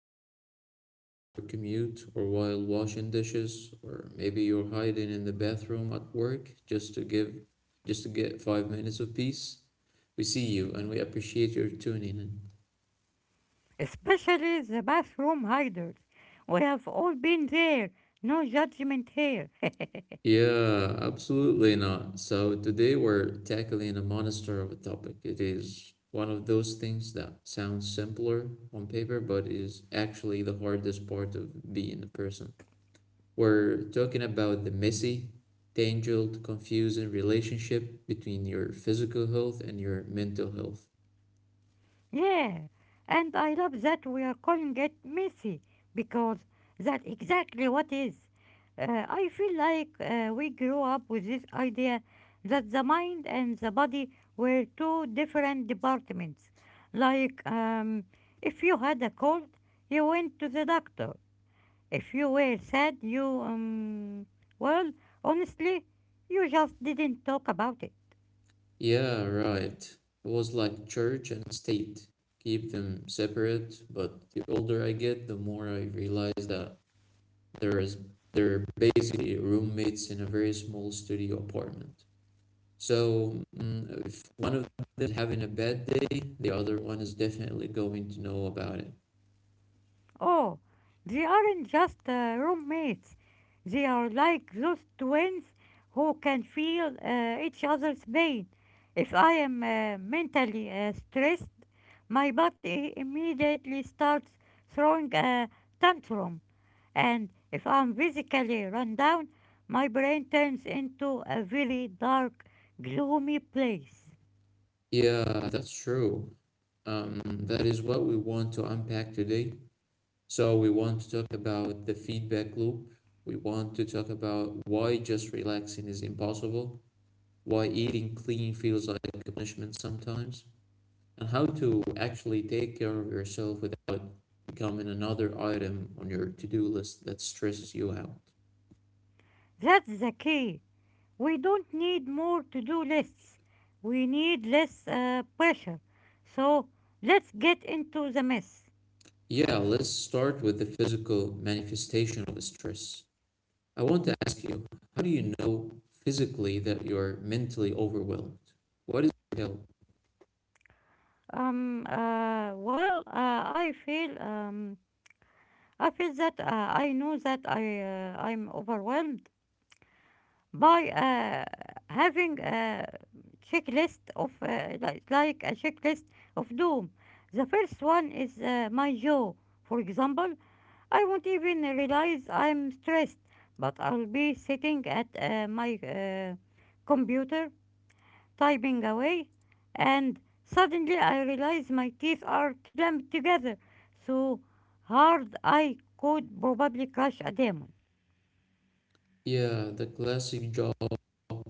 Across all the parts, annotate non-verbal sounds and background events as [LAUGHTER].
listening to this on your commute or while washing dishes, or maybe you're hiding in the bathroom at work just to get 5 minutes of peace, we see you and we appreciate your tuning in. Especially the bathroom hiders. We have all been there, no judgment here. Yeah, absolutely not. So today we're tackling a monster of a topic. It is one of those things that sounds simpler on paper, but is actually the hardest part of being a person. We're talking about the messy, tangled, confusing relationship between your physical health and your mental health. [LAUGHS] Yeah, and I love that we are calling it messy because that's exactly what is. I feel like we grew up with this idea that the mind and the body were two different departments. Like, um, if you had a cold, you went to the doctor. If you were sad, well, honestly, you just didn't talk about it. Yeah, right. It was like church and state. Keep them separate, but the older I get, the more I realize that there is they're basically roommates in a very small studio apartment. So if one of them is having a bad day, the other one is definitely going to know about it. Oh, they aren't just roommates. They are like those twins who can feel each other's pain. If I am mentally stressed, my body immediately starts throwing a tantrum. And if I'm physically run down, my brain turns into a really dark, gloomy place. Yeah, that's true. That is what we want to unpack today. So, we want to talk about the feedback loop. We want to talk about why just relaxing is impossible, why eating clean feels like a punishment sometimes, and how to actually take care of yourself without becoming another item on your to do list that stresses you out. That's the key. We don't need more to do lists. We need less pressure. So let's get into the mess. Yeah, let's start with the physical manifestation of stress. I want to ask you, how do you know physically that you're mentally overwhelmed? What is help? I feel, I feel that I know that I'm overwhelmed, by having a checklist of like a checklist of doom. The first one is my jaw. For example, I won't even realize I'm stressed, but I'll be sitting at my computer typing away, and suddenly I realize my teeth are clamped together so hard I could probably crush a demon. Yeah, the classic jaw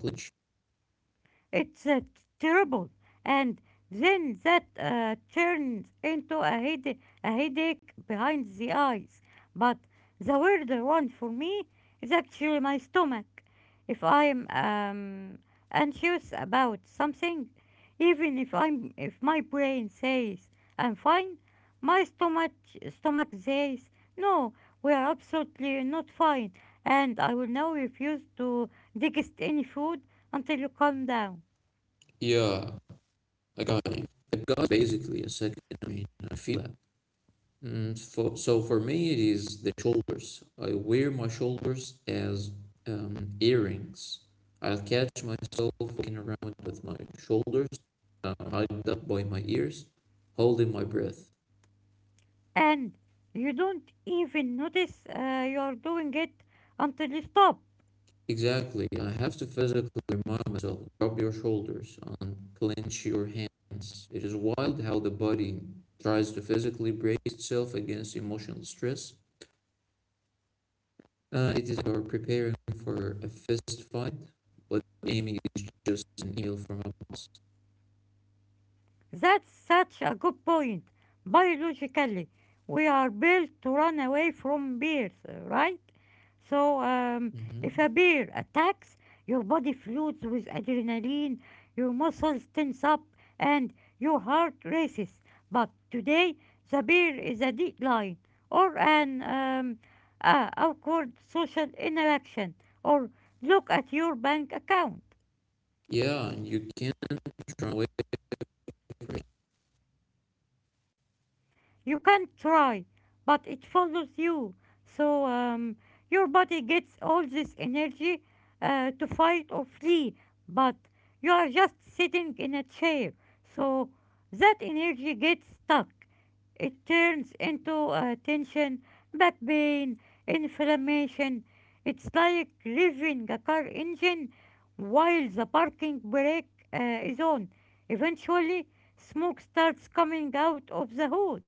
glitch. It's terrible. And then that turns into a headache behind the eyes. But the weird one for me is actually my stomach. If I'm anxious about something, even if my brain says I'm fine, my stomach says no, we are absolutely not fine, and I will now refuse to digest any food until you calm down. Yeah, I got you. I got basically a second. I mean, I feel that. So for me, it is the shoulders. I wear my shoulders as earrings. I'll catch myself walking around with my shoulders hugged up by my ears, holding my breath. And you don't even notice you're doing it until you stop. Exactly. I have to physically remind myself, rub your shoulders, unclench your hands. It is wild how the body tries to physically brace itself against emotional stress. It is like you're preparing for a fist fight, but aiming is just an email from a boss. That's such a good point. Biologically, we are built to run away from bears, right? So, um, hmm if a bear attacks, your body floods with adrenaline, your muscles tense up, and your heart races. But today, the bear is a deadline or an awkward social interaction, or look at your bank account. Yeah, and you can't run away. You can try, but it follows you. So um, your body gets all this energy to fight or flee, but you are just sitting in a chair. So that energy gets stuck. It turns into tension, back pain, inflammation. It's like revving a car engine while the parking brake is on. Eventually, smoke starts coming out of the hood.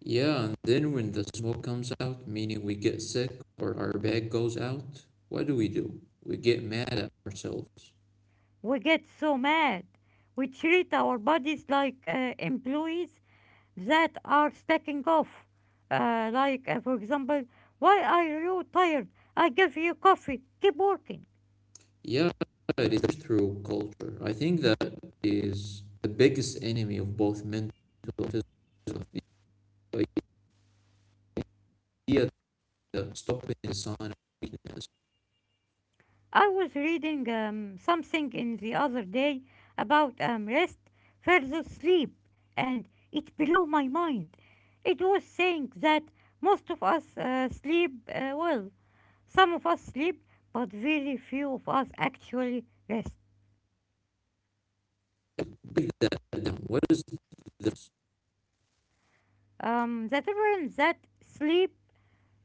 Yeah, and then when the smoke comes out, meaning we get sick or our bag goes out, what do? We get mad at ourselves. We get so mad. We treat our bodies like employees that are stacking off. For example, why are you tired? I give you coffee. Keep working. Yeah, it is through culture. I think that is the biggest enemy of both mental and physical. The idea that stopping is a sign of weakness. I was reading something in the other day about rest versus sleep, and it blew my mind. It was saying that most of us sleep well. Some of us sleep, but very few of us actually rest. Break that down. What is this? The difference that sleep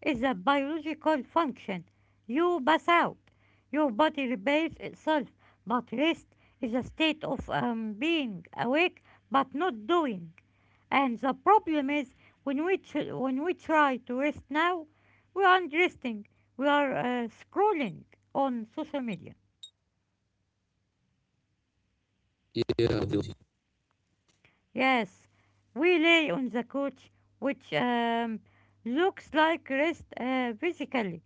is a biological function. You pass out. Your body repairs itself, but rest is a state of being awake but not doing. And the problem is when when we try to rest now, we aren't resting. We are scrolling on social media. Yeah, Yes, we lay on the couch, which looks like rest physically,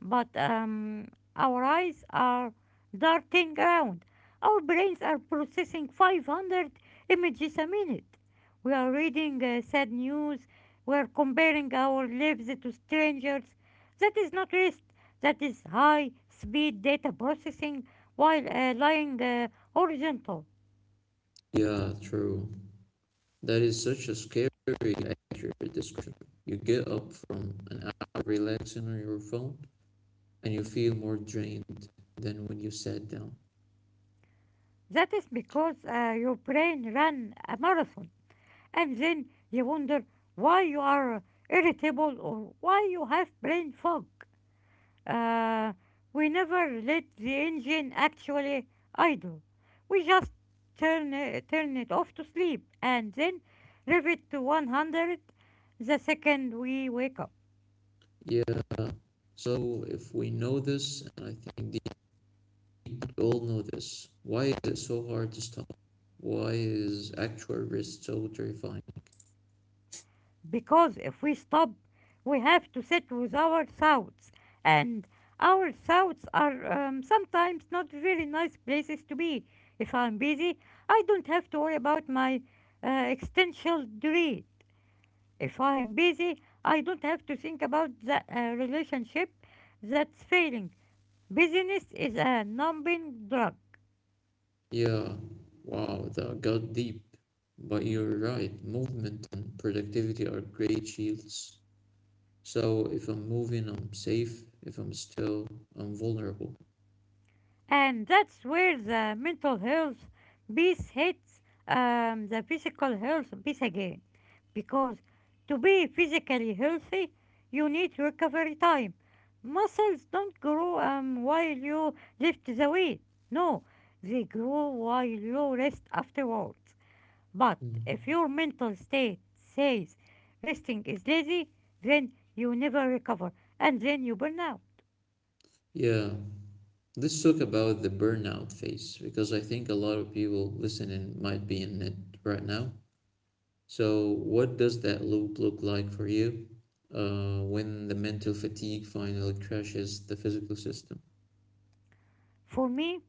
but our eyes are darting around. Our brains are processing 500 images a minute. We are reading sad news. We are comparing our lives to strangers. That is not rest. That is high speed data processing while lying horizontal. yeah, true. That is such a scary, accurate description. You get up from an hour relaxing on your phone and you feel more drained than when you sat down. That is because your brain ran a marathon. And then you wonder why you are irritable or why you have brain fog. Uh, we never let the engine actually idle. We just turn it off to sleep and then rev it to 100 the second we wake up. Yeah. So if we know this, and I think we all know this. Why is it so hard to stop? Why is actual risk so terrifying? Because if we stop, we have to sit with our thoughts, and our thoughts are sometimes not very nice places to be. If I'm busy, I don't have to worry about my existential dread. If I'm busy, I don't have to think about the relationship that's failing. Busyness is a numbing drug, Yeah, wow, that got deep. But you're right, movement and productivity are great shields. So if I'm moving, I'm safe. If I'm still, I'm vulnerable. and that's where the mental health piece hits the physical health piece again. Because to be physically healthy, you need recovery time. Muscles don't grow while you lift the weight. No, they grow while you rest afterwards. But if Mm. your mental state says resting is lazy, then you never recover and then you burn out. Yeah, let's talk about the burnout phase because I think a lot of people listening might be in it right now. So, what does that loop look like for you when the mental fatigue finally crashes the physical system? For me,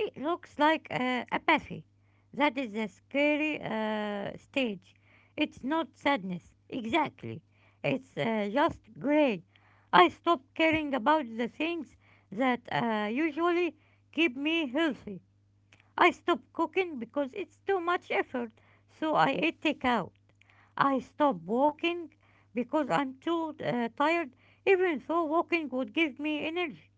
it looks like apathy. That is a scary stage. It's not sadness, exactly. It's just gray. I stop caring about the things that usually keep me healthy. I stopped cooking because it's too much effort, so I ate takeout. I stopped walking because I'm too tired, even though walking would give me energy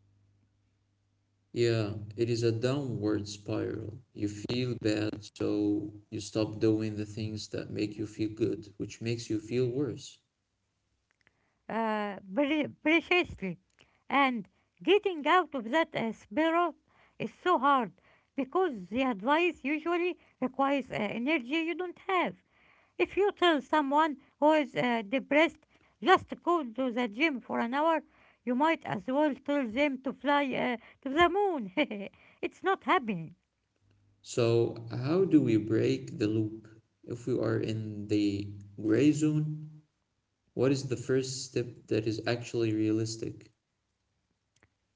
Yeah, it is a downward spiral. You feel bad, so you stop doing the things that make you feel good, which makes you feel worse. Preciously. And getting out of that spiral is so hard because the advice usually requires energy you don't have. If you tell someone who is depressed just go to the gym for an hour, you might as well tell them to fly to the moon. [LAUGHS] It's not happening. So, how do we break the loop? If we are in the gray zone, what is the first step that is actually realistic?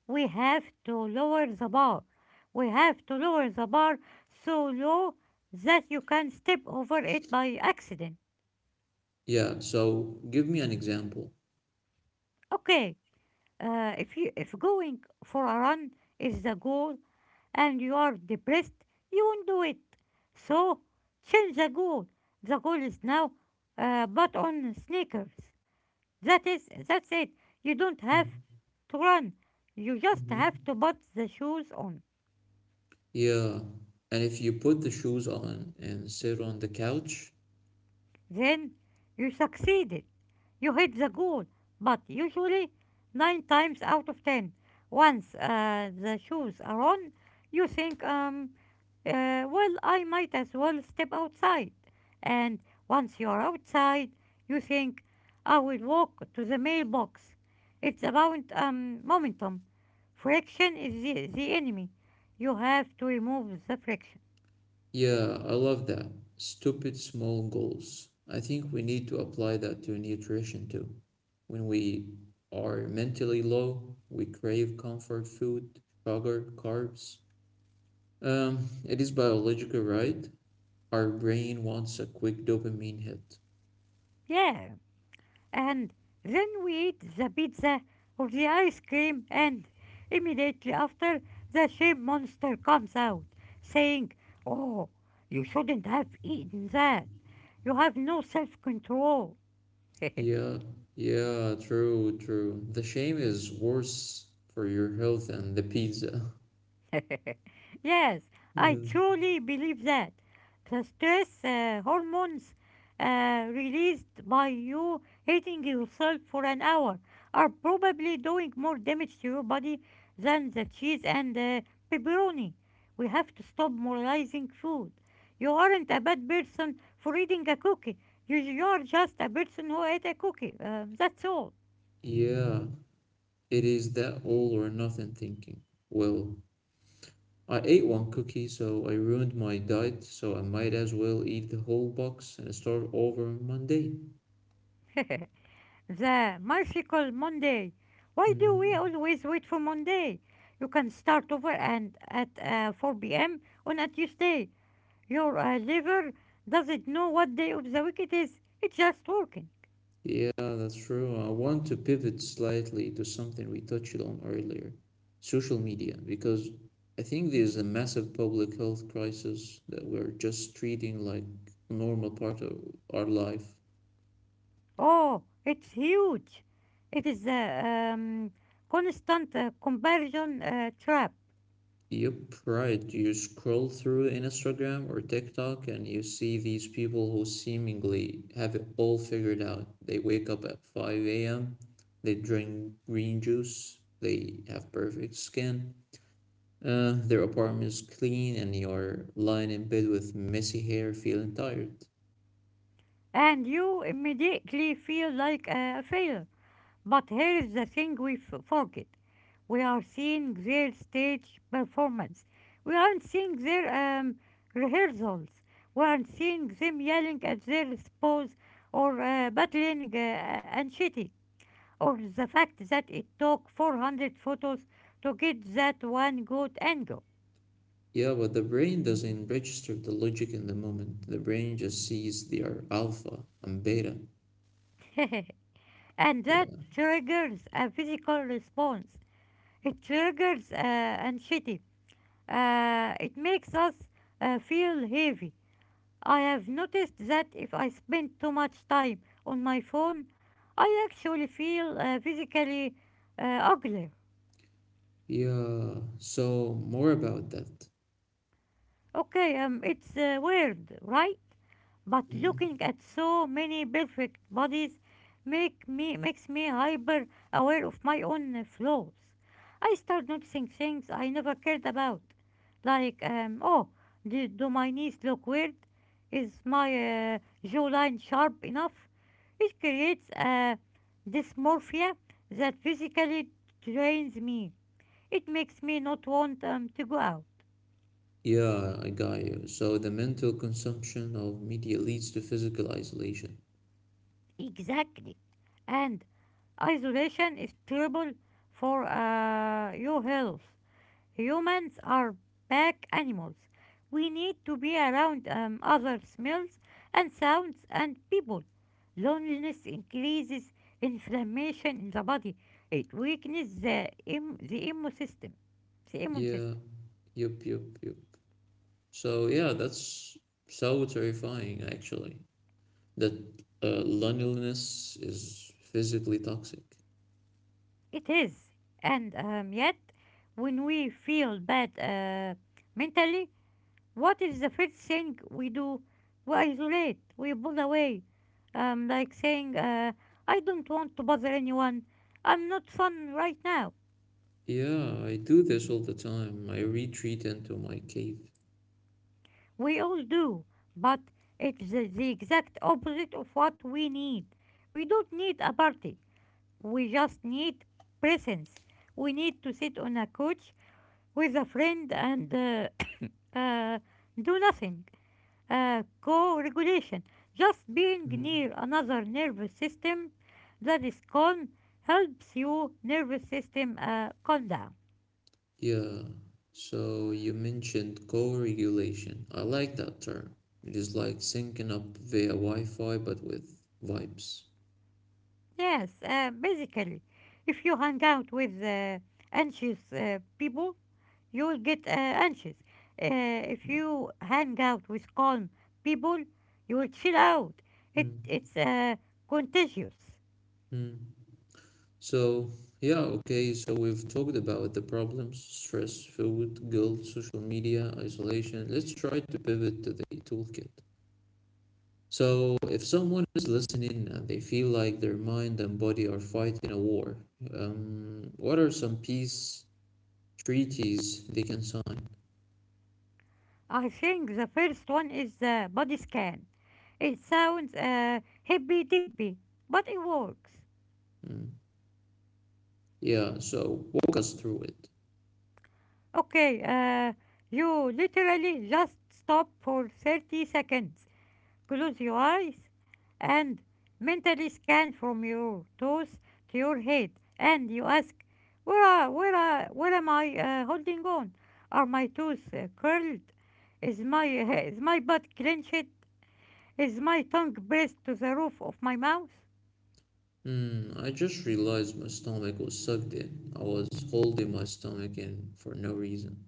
We have to lower the bar. We have to lower the bar so low that you can step over it by accident. Yeah, so give me an example. Okay, if going for a run is the goal, and you are depressed, you won't do it. So change the goal. The goal is now but on sneakers. That's it. You don't have to run. You just Mm-hmm. have to put the shoes on. Yeah. And if you put the shoes on and sit on the couch, Then you succeeded. You hit the goal. But usually nine times out of ten, once the shoes are on, you think, I might as well step outside. And once you're outside, you think, I will walk to the mailbox. It's about momentum. Friction is the enemy. You have to remove the friction. yeah, I love that. Stupid small goals. I think we need to apply that to nutrition too. When we are mentally low, we crave comfort food, sugar, carbs. Um, it is biological, right? Our brain wants a quick dopamine hit. Yeah. And then we eat the pizza or the ice cream, and immediately after, the shame monster comes out, saying, oh, you shouldn't have eaten that. You have no self control. Yeah, yeah, true, true. The shame is worse for your health than the pizza. [LAUGHS] Yes, [LAUGHS] I Yeah. truly believe that. The stress hormones released by you hating yourself for an hour are probably doing more damage to your body than the cheese and pepperoni. We have to stop moralizing food. You aren't a bad person for eating a cookie. You are just a person who ate a cookie. That's all. Yeah, it is that all or nothing thinking. Well, I ate one cookie, so I ruined my diet, so I might as well eat the whole box and start over Monday. [LAUGHS] The magical Monday. Why do we Hmm. always wait for Monday? You can start over and at 4 p.m. on a Tuesday. Your liver doesn't know what day of the week it is. It's just working. Yeah, that's true. I want to pivot slightly to something we touched on earlier, social media, because I think there's a massive public health crisis that we're just treating like a normal part of our life. Oh, it's huge. It is a constant comparison trap, Yep, right. You scroll through Instagram or TikTok and you see these people who seemingly have it all figured out. They wake up at 5 a.m., they drink green juice, they have perfect skin, their apartment is clean, and you're lying in bed with messy hair feeling tired. and you immediately feel like a failure. But here is the thing forget. We are seeing their stage performance. We aren't seeing their rehearsals. We aren't seeing them yelling at their spouse or battling and cheating. Or the fact that it took 400 photos to get that one good angle. Yeah, but the brain doesn't register the logic in the moment. The brain just sees they are alpha and beta. [LAUGHS] And that Yeah. triggers a physical response. It triggers anxiety. It makes us feel heavy. I have noticed that if I spend too much time on my phone, I actually feel physically uh, uglier. Yeah, so more about that. Okay, it's weird, right? But Mhm. looking at so many perfect bodies makes me hyper aware of my own flaws. I start noticing things I never cared about, like oh, do my knees look weird? Is my uh, jawline sharp enough? It creates a dysmorphia that physically drains me. It makes me not want to go out. Yeah, I got you. So the mental consumption of media leads to physical isolation. Exactly. And isolation is terrible for your health. Humans are pack animals. We need to be around other smells and sounds and people. Loneliness increases inflammation in the body. It weakens the immune system. Yeah, yup, yup, yup. So yeah, that's so terrifying actually. That loneliness is physically toxic. It is. And yet, when we feel bad mentally, what is the first thing we do? We isolate, we pull away. Like saying, I don't want to bother anyone, I'm not fun right now. Yeah, I do this all the time. I retreat into my cave. We all do, but it's the exact opposite of what we need. We don't need a party, we just need presence. We need to sit on a couch with a friend and [COUGHS] uh, do nothing. Co-regulation, just being Mm. near another nervous system that is calm helps your nervous system calm down. Yeah. So you mentioned co-regulation. I like that term. It is like syncing up via Wi-Fi but with vibes. Yes, basically, if you hang out with anxious people, you will get anxious. If you hang out with calm people, you will chill out. It's contagious. Hmm. So, yeah, okay, so we've talked about the problems, stress, food, guilt, social media, isolation. Let's try to pivot to the toolkit. So, if someone is listening and they feel like their mind and body are fighting a war, what are some peace treaties they can sign? I think the first one is the body scan. It sounds hippy dippy, but it works. Hmm. Yeah, so walk us through it. Okay, you literally just stop for 30 seconds, close your eyes, and mentally scan from your toes to your head, and you ask, where am I holding on? Are my toes curled? Is my butt clenched? Is my tongue pressed to the roof of my mouth? Hmm. I just realized my stomach was sucked in. I was holding my stomach in for no reason.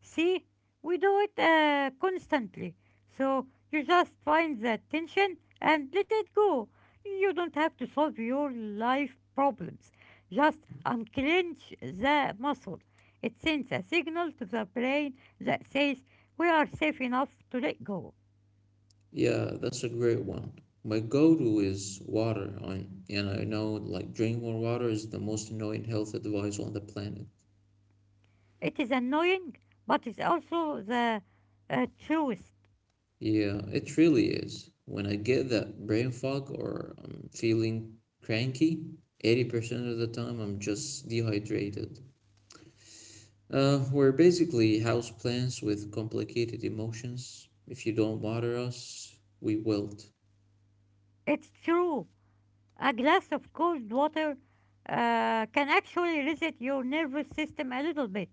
See, we do it constantly. So you just find that tension and let it go. You don't have to solve your life problems. Just unclench the muscle. It sends a signal to the brain that says we are safe enough to let go. Yeah, that's a great one. My go-to is water, and I know like drink more water is the most annoying health advice on the planet. It is annoying, but it's also the truest. Yeah, it really is. When I get that brain fog or I'm feeling cranky, 80% of the time I'm just dehydrated. We're basically houseplants with complicated emotions. If you don't water us, we wilt. It's true. A glass of cold water can actually reset your nervous system a little bit.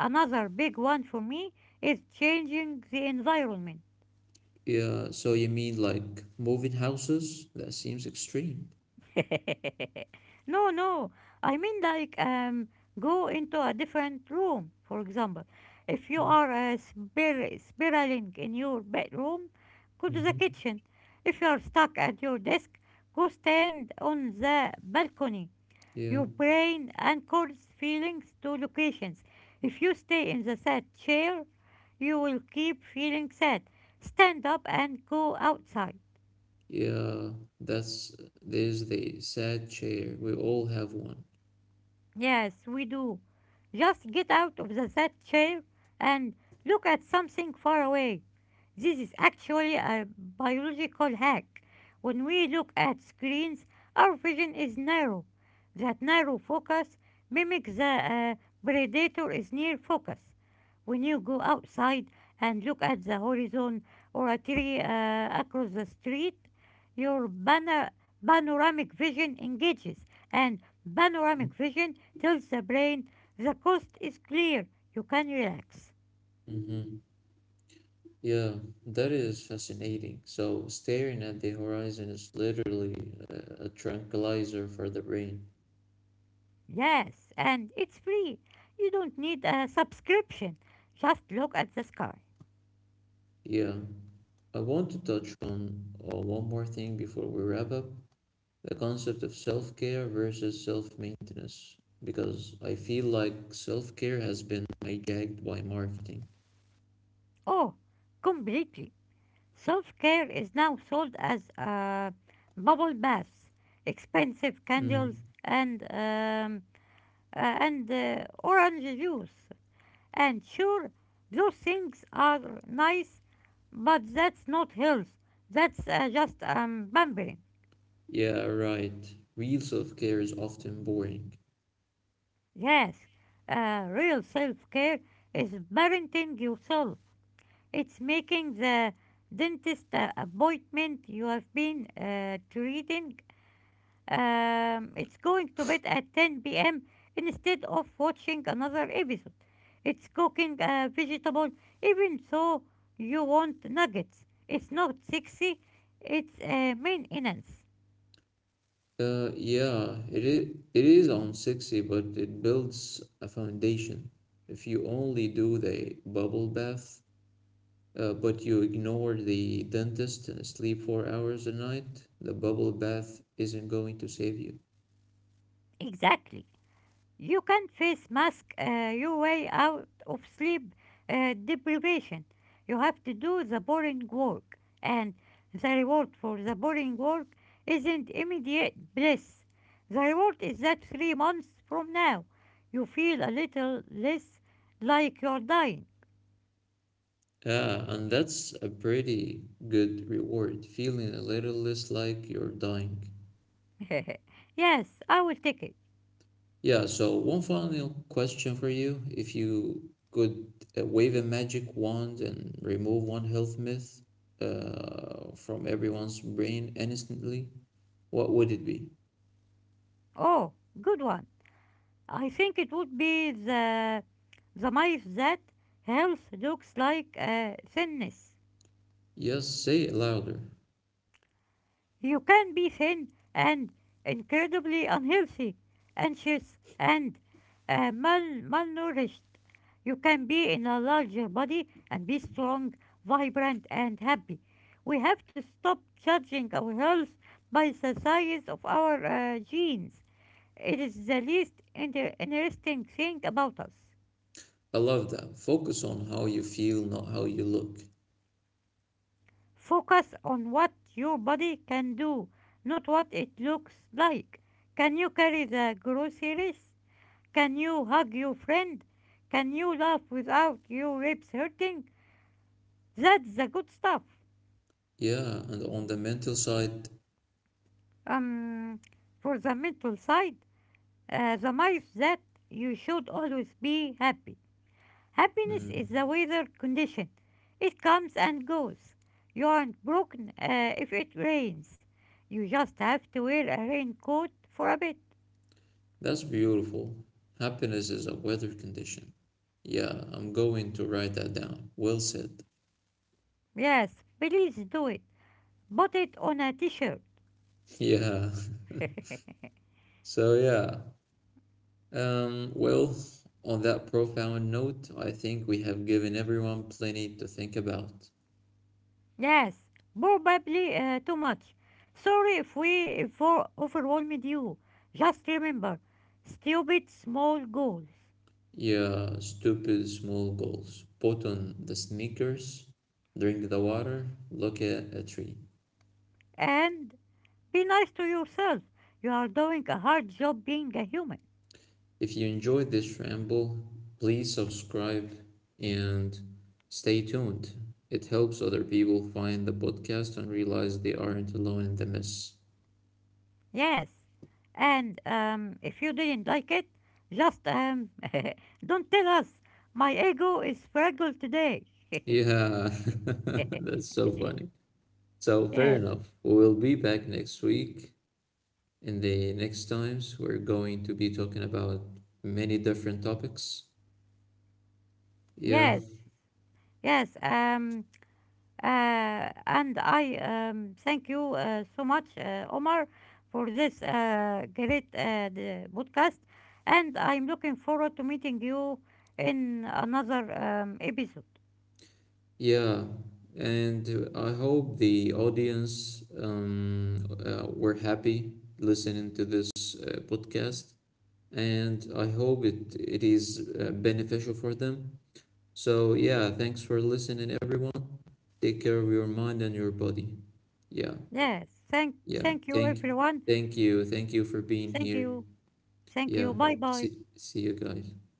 Another big one for me is changing the environment. Yeah, so you mean like moving houses? That seems extreme. [LAUGHS] No, no. I mean, like, go into a different room. For example, if you are spiraling in your bedroom, go to the Mm-hmm. kitchen. If you are stuck at your desk, go stand on the balcony. Yeah, Your brain anchors feelings to locations. If you stay in the sad chair, you will keep feeling sad. Stand up and go outside. yeah, that's there's the sad chair. We all have one. Yes, we do. Just get out of the that chair and look at something far away. This is actually a biological hack. When we look at screens, our vision is narrow. That narrow focus mimics the predator is near focus. When you go outside and look at the horizon or a tree across the street, your panoramic vision engages, and panoramic vision tells the brain the coast is clear, you can relax. Mm-hmm. Yeah, that is fascinating. So staring at the horizon is literally a tranquilizer for the brain. Yes, and it's free. You don't need a subscription. Just look at the sky. Yeah, I want to touch on one more thing before we wrap up, the concept of self-care versus self-maintenance, because I feel like self-care has been hijacked by marketing. Oh, completely. Self care is now sold as bubble baths, expensive candles, Mm-hmm. and orange juice. And sure, those things are nice, but that's not health. That's just pampering. Yeah, right. Real self-care is often boring. Yes, real self care is parenting yourself. It's making the dentist appointment you have been treating. It's going to bed at 10 p.m. instead of watching another episode. It's cooking a vegetable even though you want nuggets. It's not sexy, it's maintenance. Yeah, it is unsexy, but it builds a foundation. If you only do the bubble bath, but you ignore the dentist and sleep 4 hours a night, the bubble bath isn't going to save you. Exactly. You can face mask your way out of sleep deprivation. You have to do the boring work, and the reward for the boring work isn't immediate bliss. The reward is that 3 months from now, you feel a little less like you're dying. Yeah, and that's a pretty good reward, feeling a little less like you're dying. [LAUGHS] yes, I will take it. Yeah, so one final question for you. If you could wave a magic wand and remove one health myth from everyone's brain instantly, what would it be? Oh, good one. I think it would be the mice that health looks like thinness. Yes, say it louder. You can be thin and incredibly unhealthy, anxious and malnourished. You can be in a larger body and be strong, vibrant, and happy. We have to stop judging our health by the size of our genes. It is the least interesting thing about us. I love that. Focus on how you feel, not how you look. Focus on what your body can do, not what it looks like. Can you carry the groceries? Can you hug your friend? Can you laugh without your ribs hurting? That's the good stuff. Yeah, and on the mental side, Um, for the mental side, the myth that you should always be happy. Happiness is mm, a weather condition. It comes and goes. You aren't broken if it rains. You just have to wear a raincoat for a bit. that's beautiful. Happiness is a weather condition. Yeah, I'm going to write that down. Well said. Yes, please do it. Put it on a t-shirt. [LAUGHS] Yeah. [LAUGHS] [LAUGHS] So, yeah. Um, well, on that profound note, I think we have given everyone plenty to think about. Yes, probably too much. Sorry if we for overwhelmed you. Just remember, stupid small goals. Yeah, stupid small goals. Put on the sneakers, drink the water, look at a tree. And be nice to yourself. You are doing a hard job being a human. If you enjoyed this ramble, please subscribe and stay tuned. It helps other people find the podcast and realize they aren't alone in the mess. Yes. And if you didn't like it, just [LAUGHS] don't tell us. My ego is fragile today. [LAUGHS] Yeah, [LAUGHS] that's so funny. So, fair yes, enough. We'll be back next week. In the next times, we're going to be talking about many different topics. Yeah, yes, yes. And I thank you so much, Omar, for this great the podcast. And I'm looking forward to meeting you in another episode. yeah. And I hope the audience were happy listening to this podcast. And I hope it is beneficial for them. So, yeah, thanks for listening, everyone. Take care of your mind and your body. Yeah, Yes, yeah. thank you, everyone. Thank you. Thank you for being Thank here. you. Thank Yeah. you. Bye bye. See you guys.